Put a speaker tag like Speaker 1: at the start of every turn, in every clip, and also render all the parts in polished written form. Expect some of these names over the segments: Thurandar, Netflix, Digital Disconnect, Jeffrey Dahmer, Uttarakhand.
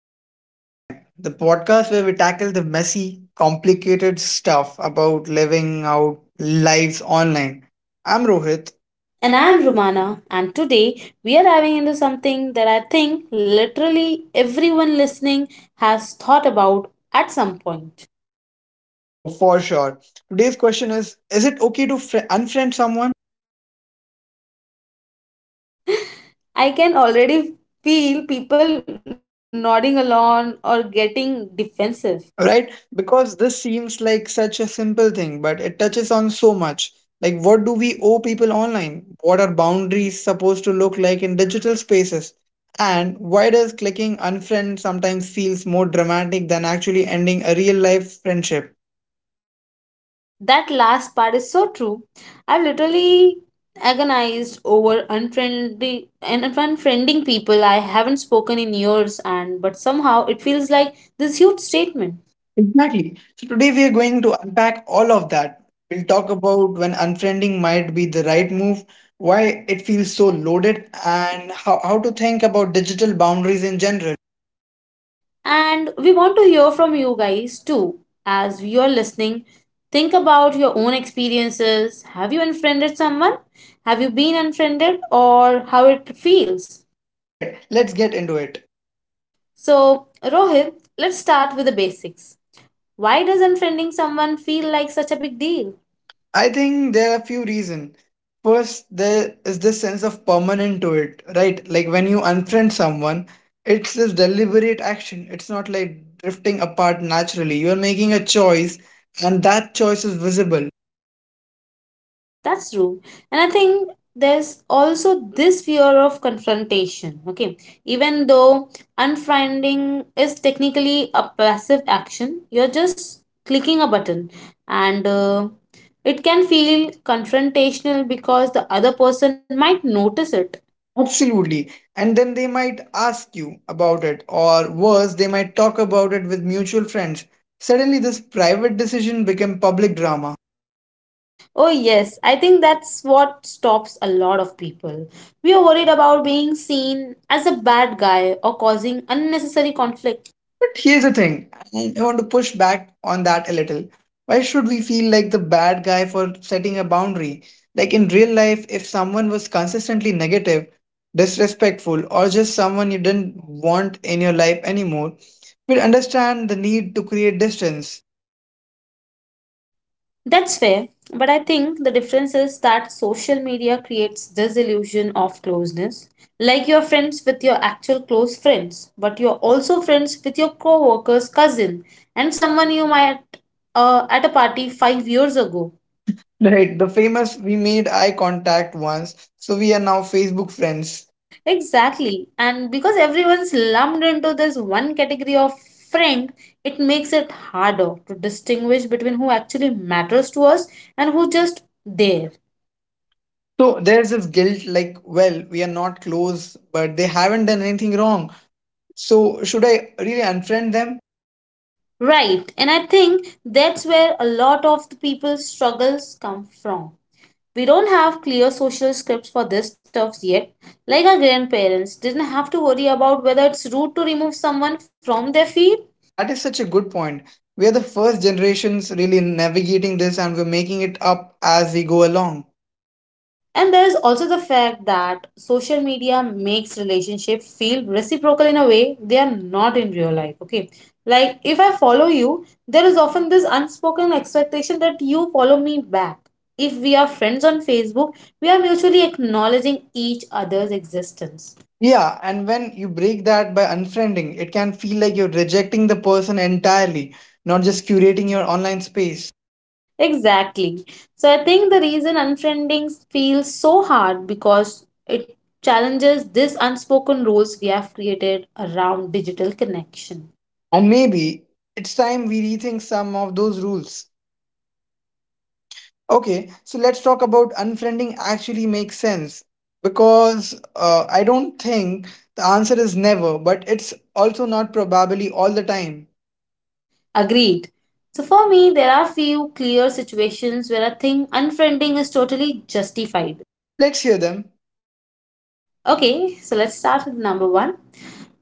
Speaker 1: Digital Disconnect, the podcast where we tackle the messy, complicated stuff about living out lives online. I'm Rohit.
Speaker 2: And
Speaker 1: And
Speaker 2: I'm
Speaker 1: I'm Ro-
Speaker 2: Rumana, and today we are diving into something that I think literally everyone listening has thought about at some point.
Speaker 1: Oh, for sure. Today's question is it okay to unfriend someone?
Speaker 2: I can already feel people nodding along or getting defensive.
Speaker 1: Right, because this seems like such a simple thing, but it touches on so much. Like, what do we owe people online? What are boundaries supposed to look like in digital spaces, and why does clicking unfriend sometimes feels more dramatic than actually ending a real life friendship?
Speaker 2: That last part is so true. I've literally agonized over unfriendly and unfriending people I haven't spoken in years and but somehow it feels like this huge statement.
Speaker 1: Exactly, so today we are going to unpack all of that. We'll talk about when unfriending might be the right move, why it feels so loaded, and how to think about digital boundaries in general.
Speaker 2: And we want to hear from you guys too. As you're listening, think about your own experiences. Have you unfriended someone? Have you been unfriended or how it feels?
Speaker 1: All right, let's get into it.
Speaker 2: So, Rohit, let's start with the basics. Why does unfriending someone feel like such a big deal?
Speaker 1: I think there are a few reasons. First, there is this sense of permanent to it, right? Like when you unfriend someone, it's this deliberate action. It's not like drifting apart naturally. You're making a choice, and that choice is visible.
Speaker 2: Yes, that's true. And I think there's also this fear of confrontation. Okay. Even though unfriending is technically a passive action, you're just clicking a button, and it can feel confrontational because the other person might notice it.
Speaker 1: Absolutely. And then they might ask you about it, or worse, they might talk about it with mutual friends. Suddenly, this private decision became public drama.
Speaker 2: Oh, yes. I think that's what stops a lot of people. We are worried about being seen as a bad guy or causing unnecessary conflict.
Speaker 1: But here's the thing, and I want to push back on that a little. Why should we feel like the bad guy for setting a boundary? Like in real life, if someone was consistently negative, disrespectful, or just someone you didn't want in your life anymore, we'd understand the need to create distance.
Speaker 2: That's fair, but I think the difference is that social media creates this illusion of closeness. Like you're friends with your actual close friends, but you're also friends with your co-worker's cousin and someone you met at a party 5 years ago.
Speaker 1: Right, the famous we made eye contact once, so we are now Facebook friends.
Speaker 2: Exactly, and because everyone's lumped into this one category of friend, it makes it harder to distinguish between who actually matters to us and who just there.
Speaker 1: So there's this guilt like, well, we are not close, but they haven't done anything wrong. So should I really unfriend them?
Speaker 2: Right, and I think that's where a lot of the people's struggles come from. We don't have clear social scripts for this stuff yet. Like our grandparents didn't have to worry about whether it's rude to remove someone from their field.
Speaker 1: That is such a good point. We are the first generations really navigating this, and we're making it up as we go along.
Speaker 2: And there is also the fact that social media makes relationship feel reciprocal in a way they are not in real life. Okay. Like if I follow you, there is often this unspoken expectation that you follow me back. If we are friends on Facebook, we are mutually acknowledging each other's existence.
Speaker 1: Yeah, and when you break that by unfriending, it can feel like you're rejecting the person entirely, not just curating your online space.
Speaker 2: Exactly. So I think the reason unfriending feels so hard because it challenges these unspoken rules we have created around digital connection.
Speaker 1: And maybe it's time we rethink some of those rules. Okay, so let's talk about unfriending actually makes sense, because I don't think the answer is never, but it's also not probably all the time.
Speaker 2: Agreed. So for me, there are few clear situations where I think unfriending is totally justified.
Speaker 1: Let's hear them.
Speaker 2: Okay, so let's start with number 1.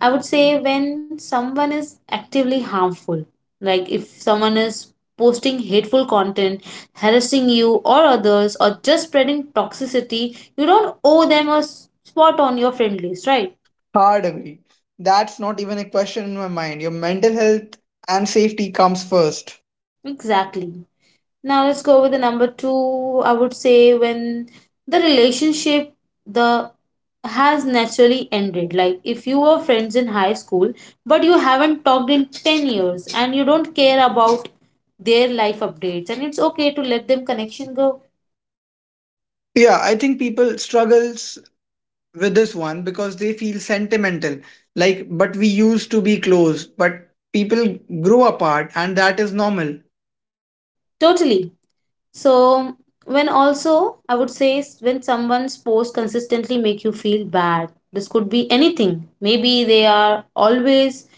Speaker 2: I would say when someone is actively harmful, like if someone is posting hateful content, harassing you or others, or just spreading toxicity, you don't owe them a spot on your friend list, right?
Speaker 1: Hard agree. That's not even a question in my mind. Your mental health and safety comes first.
Speaker 2: Exactly. Now let's go with the number 2. I would say when the relationship the has naturally ended. Like if you were friends in high school, but you haven't talked in 10 years, and you don't care about their life updates, and it's okay to let them connection go.
Speaker 1: Yeah, I think people struggles with this one because they feel sentimental. Like, but we used to be close, but people grow apart, and that is normal.
Speaker 2: Totally. So when also I would say when someone's post consistently make you feel bad, this could be anything. Maybe they are always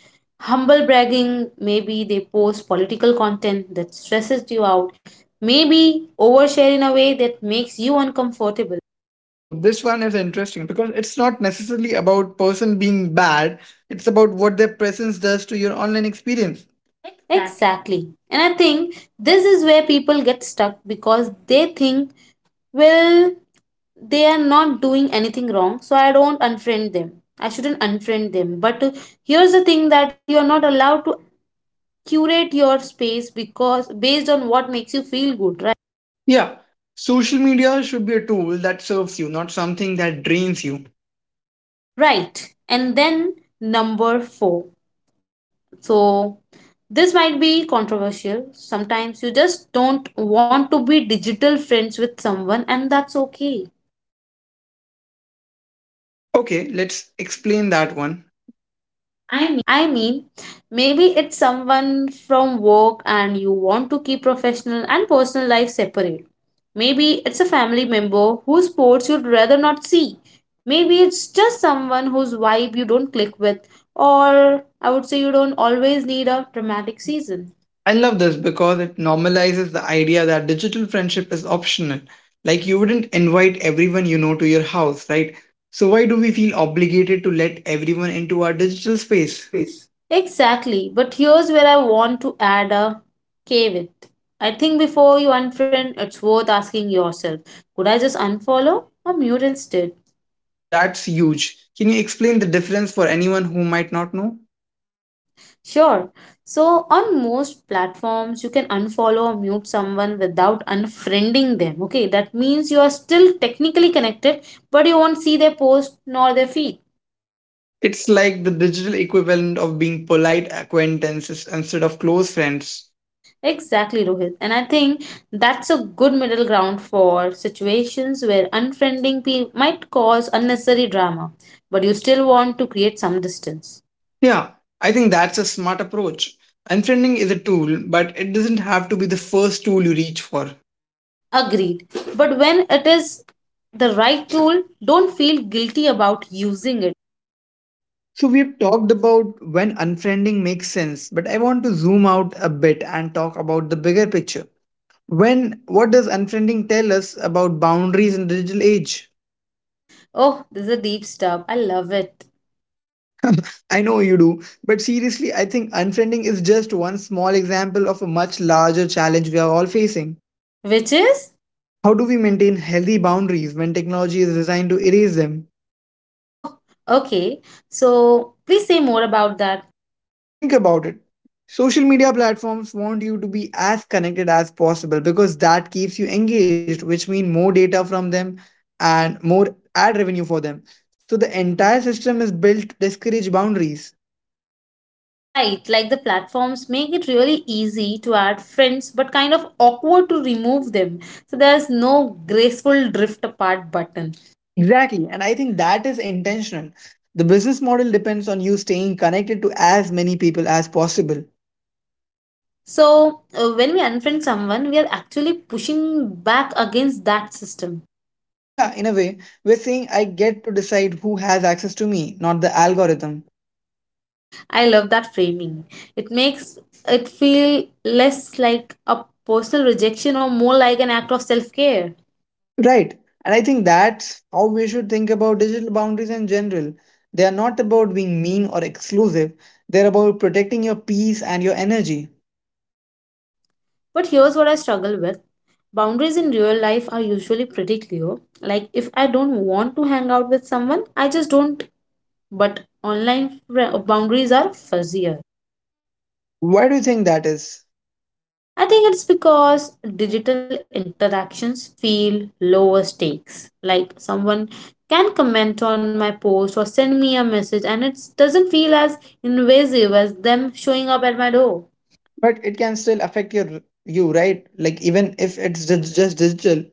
Speaker 2: humble bragging, maybe they post political content that stresses you out, maybe overshare in a way that makes you uncomfortable.
Speaker 1: Oh, this one is interesting because it's not necessarily about person being bad. It's about what their presence does to your online experience. Exactly.
Speaker 2: Exactly. And I think this is where people get stuck because they think, well, they are not doing anything wrong, so I shouldn't unfriend them, but here's the thing that you are not allowed to curate your space because based on what makes you feel good, right?
Speaker 1: Yeah, social media should be a tool that serves you, not something that drains you.
Speaker 2: Right, and then number 4, so this might be controversial. Sometimes you just don't want to be digital friends with someone, and that's okay.
Speaker 1: Okay, let's explain that one. I'm
Speaker 2: I mean, maybe it's someone from work and you want to keep professional and personal life separate. Maybe it's a family member whose sports you'd rather not see. Maybe it's just someone whose vibe you don't click with, or I would say you don't always need a dramatic
Speaker 1: Hazel.
Speaker 2: season.
Speaker 1: I love this because it normalizes the idea that digital friendship is optional. Like you wouldn't invite everyone you know to your house, right? So why do we feel obligated to let everyone into our digital space?
Speaker 2: Exactly, but here's where I want to add a caveat. I think before you unfriend, it's worth asking yourself, could I just unfollow or mute instead?
Speaker 1: Oh, that's huge. Can you explain the difference for anyone who might not know?
Speaker 2: Sure. So on most platforms, you can unfollow or mute someone without unfriending them. Okay, that means you are still technically connected, but you won't see their post nor their feed.
Speaker 1: It's like the digital equivalent of being polite acquaintances instead of close friends.
Speaker 2: Exactly, Rohit. And I think that's a good middle ground for situations where unfriending might cause unnecessary drama, but you still want to create some distance.
Speaker 1: Yeah, I think that's a smart approach. Unfriending is a tool, but it doesn't have to be the first tool you reach for.
Speaker 2: Agreed. But when it is the right tool, don't feel guilty about using it.
Speaker 1: So, we've talked about when unfriending makes sense, but I want to zoom out a bit and talk about the bigger picture. When, what does unfriending tell us about boundaries in the digital age?
Speaker 2: Oh, this is a deep stuff. I love it.
Speaker 1: I know you do, but seriously, I think unfriending is just one small example of a much larger challenge we are all facing.
Speaker 2: Which is?
Speaker 1: How do we maintain healthy boundaries when technology is designed to erase them?
Speaker 2: Oh, okay. So please say more about that.
Speaker 1: Think about it. Social media platforms want you to be as connected as possible because that keeps you engaged, which means more data from them and more ad revenue for them. So the entire system is built to discourage boundaries.
Speaker 2: Right, like the platforms make it really easy to add friends but kind of awkward to remove them. So there's no graceful drift apart button.
Speaker 1: Exactly. And I think that is intentional. The business model depends on you staying connected to as many people as possible.
Speaker 2: So when we unfriend someone, we are actually pushing back against that system.
Speaker 1: Yeah, in a way, we're saying I get to decide who has access to me, not the algorithm.
Speaker 2: I love that framing. It makes it feel less like a personal rejection or more like an act of self care.
Speaker 1: Right. And I think that's how we should think about digital boundaries in general. They are not about being mean or exclusive, they're about protecting your peace and your energy.
Speaker 2: But here's what I struggle with: boundaries in real life are usually pretty clear. Like, if I don't want to hang out with someone, I just don't. But online boundaries are fuzzier.
Speaker 1: Why do you think that is?
Speaker 2: I think it's because digital interactions feel lower stakes. Like, someone can comment on my post or send me a message, and it doesn't feel as invasive as them showing up at my door.
Speaker 1: But it can still affect your you, right? Like even if it's just digital,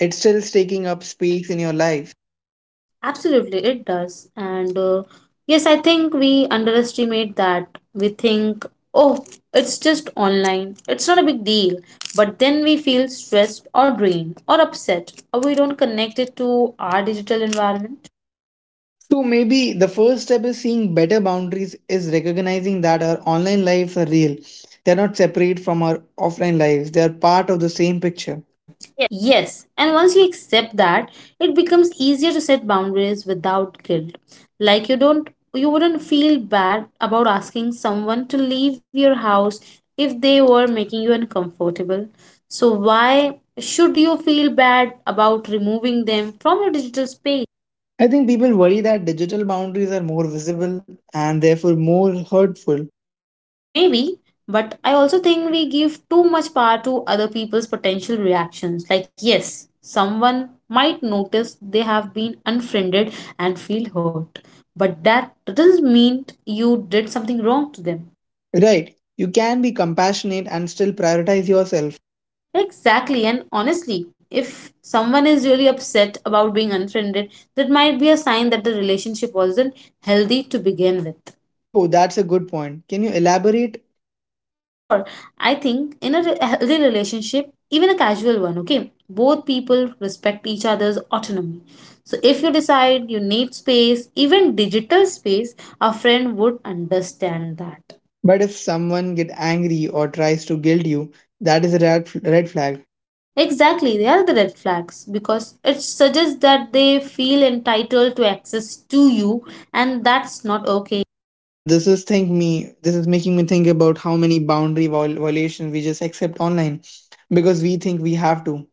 Speaker 1: it's still taking up space in your life.
Speaker 2: Absolutely, it does. And yes, I think we underestimate that. We think, oh, it's just online, it's not a big deal. But then we feel stressed or drained or upset, or we don't connect it to our digital environment.
Speaker 1: So maybe the first step is seeing better boundaries is recognizing that our online lives are real. They're not separate from our offline lives. They are part of the same picture.
Speaker 2: Yes, and once you accept that, it becomes easier to set boundaries without guilt. Like you wouldn't feel bad about asking someone to leave your house if they were making you uncomfortable. So why should you feel bad about removing them from your digital space?
Speaker 1: I think people worry that digital boundaries are more visible and therefore more hurtful.
Speaker 2: Maybe, but I also think we give too much power to other people's potential reactions. Like, yes, someone might notice they have been unfriended and feel hurt, but that doesn't mean you did something wrong to them.
Speaker 1: Right. You can be compassionate and still prioritize yourself.
Speaker 2: Exactly, and honestly, if someone is really upset about being unfriended, that might be a sign that the relationship wasn't healthy to begin with.
Speaker 1: Oh, that's a good point. Can you elaborate?
Speaker 2: Sure, I think in a healthy relationship, even a casual one, okay, both people respect each other's autonomy. So if you decide you need space, even digital space, a friend would understand that.
Speaker 1: But if someone get angry or tries to guilt you, that is a red flag.
Speaker 2: Exactly, they are the red flags because it suggests that they feel entitled to access to you, and that's not okay.
Speaker 1: Man, this is making me think about how many violations we just accept online because we think we have to.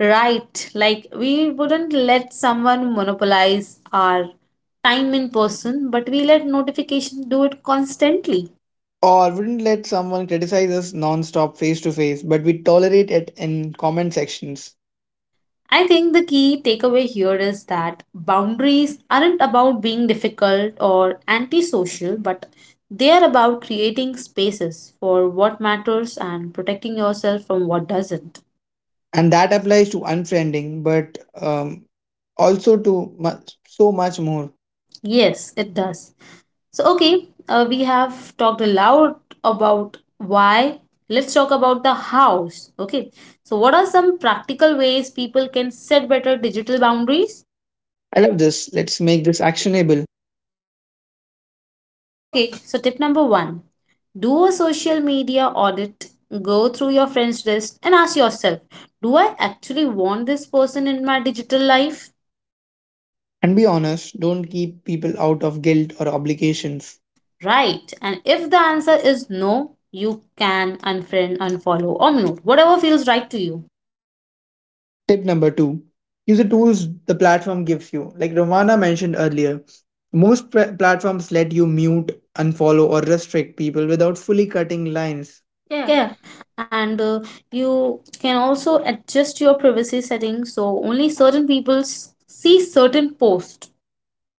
Speaker 2: Right, like we wouldn't let someone monopolize our time in person, but we let notification do it constantly.
Speaker 1: Or wouldn't let someone criticize us non-stop face to face, but we tolerate it in comment sections.
Speaker 2: I think the key takeaway here is that boundaries aren't about being difficult or antisocial, but they are about creating spaces for what matters and protecting yourself from what doesn't.
Speaker 1: And that applies to unfriending, but also to much, so much more.
Speaker 2: Yes, it does. So, okay, we have talked a lot about why. Let's talk about the hows. Okay, so what are some practical ways people can set better digital boundaries?
Speaker 1: I love this, let's make this actionable.
Speaker 2: Okay, so tip number 1, do a social media audit, go through your friends list, and ask yourself, do I actually want this person in my digital life?
Speaker 1: And be honest, don't keep people out of guilt or obligations.
Speaker 2: Right, and if the answer is no, you can unfriend, unfollow, or mute, whatever feels right to you.
Speaker 1: Tip number two, use the tools the platform gives you. Like Romana mentioned earlier, most platforms let you mute, unfollow, or restrict people without fully cutting lines. Yeah,
Speaker 2: Yeah, and you can also adjust your privacy settings so only certain people see certain posts.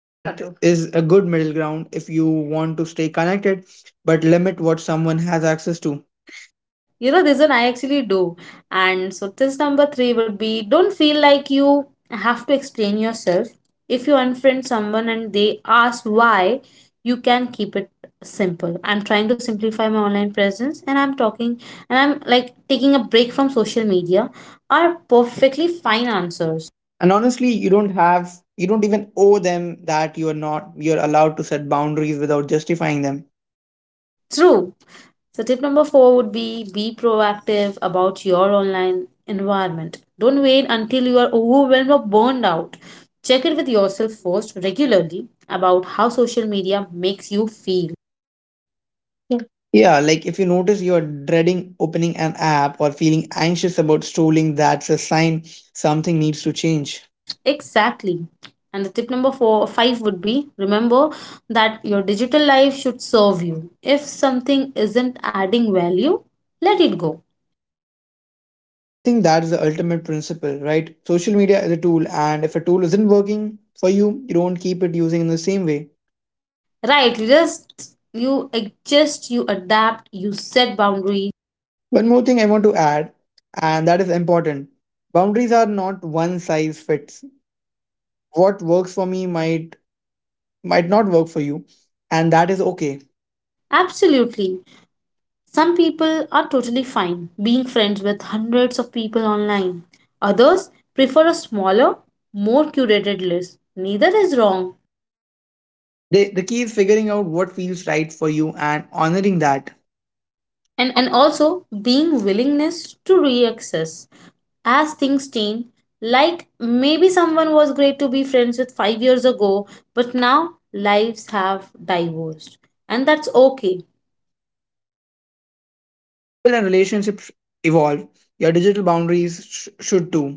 Speaker 1: that true. Is a good middle ground if you want to stay connected but limit what someone has access to.
Speaker 2: You know, this one I actually do. And so, test number 3 would be don't feel like you have to explain yourself. If you unfriend someone and they ask why, you can keep it simple. I'm trying to simplify my online presence and I'm like taking a break from social media are perfectly fine answers.
Speaker 1: And honestly, you don't even owe them that. You are not, you're allowed to set boundaries without justifying them.
Speaker 2: True. So, tip number 4 would be proactive about your online environment. Don't wait until you are overwhelmed or burned out. Check it with yourself first regularly about how social media makes you feel.
Speaker 1: Yeah, like if you notice you're dreading opening an app or feeling anxious about strolling, that's a sign something needs to change.
Speaker 2: Exactly. And the tip five would be remember that your digital life should serve you. If something isn't adding value, let it go.
Speaker 1: I think that's the ultimate principle, right? Social media is a tool, and if a tool isn't working for you, you don't keep it using in the same way.
Speaker 2: Right, you adjust, you adapt, you set boundaries.
Speaker 1: One more thing I want to add, and that is important, boundaries are not one size fits. What works for me might not work for you, and that is okay.
Speaker 2: Absolutely. Some people are totally fine being friends with hundreds of people online. Others prefer a smaller, more curated list. Neither is wrong.
Speaker 1: The key is figuring out what feels right for you and honoring that. And
Speaker 2: And also being willingness to reaccess as things change. Like maybe someone was great to be friends with 5 years ago, but now lives have divorced. And that's okay.
Speaker 1: people and relationships evolve. Your digital boundaries should too.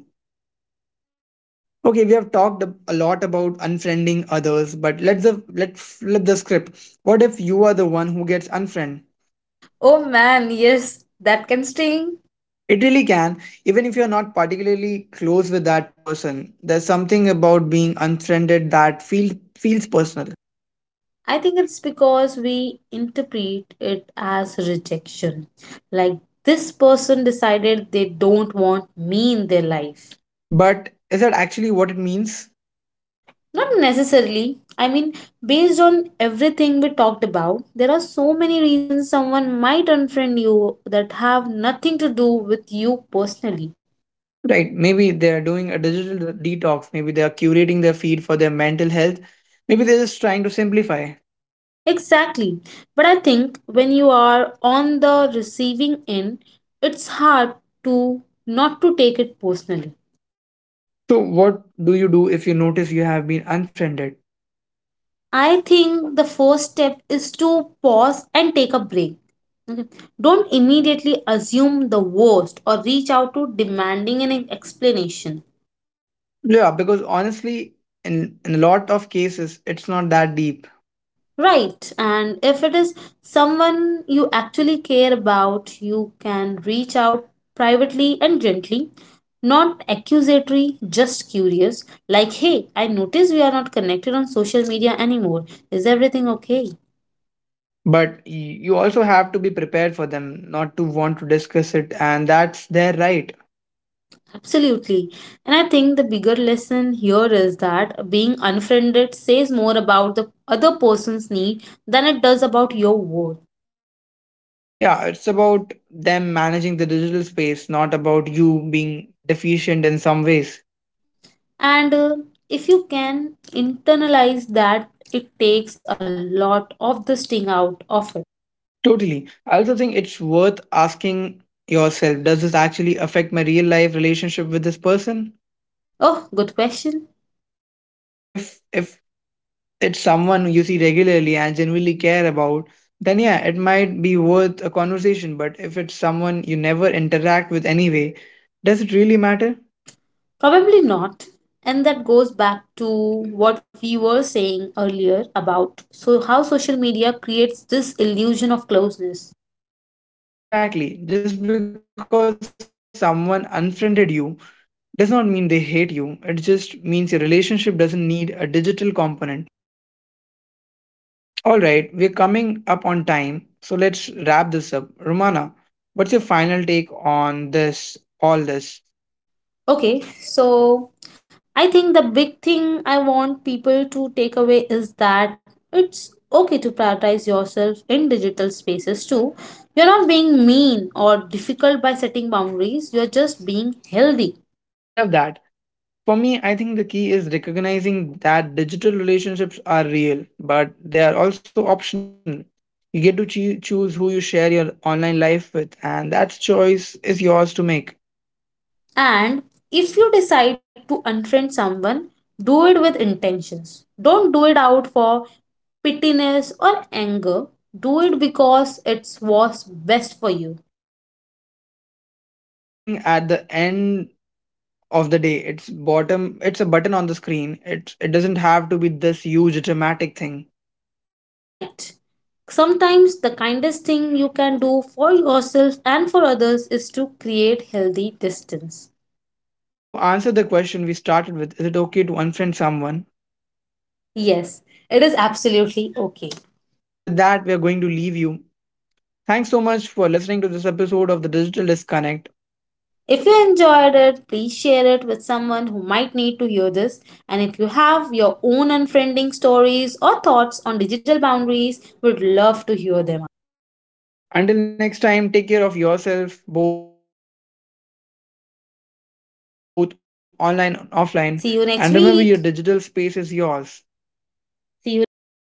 Speaker 1: Okay, we have talked a lot about unfriending others, but let's flip the script. What if you are the one who gets unfriended?
Speaker 2: Oh man, yes, that can sting.
Speaker 1: It really can, even if you're not particularly close with that person. There's something about being unfriended that feels personal.
Speaker 2: I think it's because we interpret it as rejection. Like this person decided they don't want me in their life.
Speaker 1: But is that actually what it means?
Speaker 2: Not necessarily. I mean, based on everything we talked about, there are so many reasons someone might unfriend you that have nothing to do with you personally.
Speaker 1: Right. Maybe they're doing a digital d- detox. Maybe they are curating their feed for their mental health. Maybe they're just trying to simplify.
Speaker 2: Exactly. But I think when you are on the receiving end, it's hard to not to take it personally.
Speaker 1: So, what do you do if you notice you have been unfriended?
Speaker 2: I think the first step is to pause and take a break. Okay. Don't immediately assume the worst or reach out to demanding an explanation.
Speaker 1: Yeah, because honestly, in a lot of cases, it's not that deep.
Speaker 2: Right, and if it is someone you actually care about, you can reach out privately and gently, not accusatory, just curious. Like, hey, I noticed we are not connected on social media anymore. Is everything okay?
Speaker 1: But you also have to be prepared for them not to want to discuss it, and that's their right.
Speaker 2: Absolutely. And I think the bigger lesson here is that being unfriended says more about the other person's need than it does about your worth.
Speaker 1: Yeah, it's about them managing the digital space, not about you being deficient in some ways.
Speaker 2: And if you can internalize that, it takes a lot of the sting out of it.
Speaker 1: Totally. I also think it's worth asking yourself, does this actually affect my real life relationship with this person?
Speaker 2: Oh, good question.
Speaker 1: Like if it's someone you see regularly and genuinely care about, then yeah, it might be worth a conversation. But if it's someone you never interact with anyway, does it really matter?
Speaker 2: Probably not. And that goes back to what we were saying earlier about how social media creates this illusion of closeness.
Speaker 1: Exactly. Just because someone unfriended you does not mean they hate you. It just means your relationship doesn't need a digital component. All right, we're coming up on time, so let's wrap this up. Romana, what's your final take on all this?
Speaker 2: Okay, so I think the big thing I want people to take away is that it's okay to prioritize yourself in digital spaces too. You're not being mean or difficult by setting boundaries, you're just being healthy.
Speaker 1: I love that. For me, I think the key is recognizing that digital relationships are real, but they are also optional. You get to choose who you share your online life with, and that choice is yours to make.
Speaker 2: And if you decide to unfriend someone, do it with intentions. Don't do it out for pittiness or anger. Do it because it's what's best for you.
Speaker 1: But also don't overthink at the end of the day. It's a button on the screen. It doesn't have to be this huge dramatic thing.
Speaker 2: Right. Sometimes the kindest thing you can do for yourself and for others is to create healthy distance.
Speaker 1: So, to answer the question we started with, is it okay to unfriend someone?
Speaker 2: Yes, it is absolutely okay.
Speaker 1: And with that, we are going to leave you. Thanks so much for listening to this
Speaker 2: If
Speaker 1: episode of
Speaker 2: you
Speaker 1: the Digital
Speaker 2: enjoyed it,
Speaker 1: Disconnect.
Speaker 2: please share it with someone who might need to hear this. And if you have your own unfriending stories or thoughts on digital boundaries, we would love to hear them.
Speaker 1: Until next time, take care of yourself, both online and offline.
Speaker 2: See you next
Speaker 1: And remember, your
Speaker 2: week.
Speaker 1: digital space is yours. See you next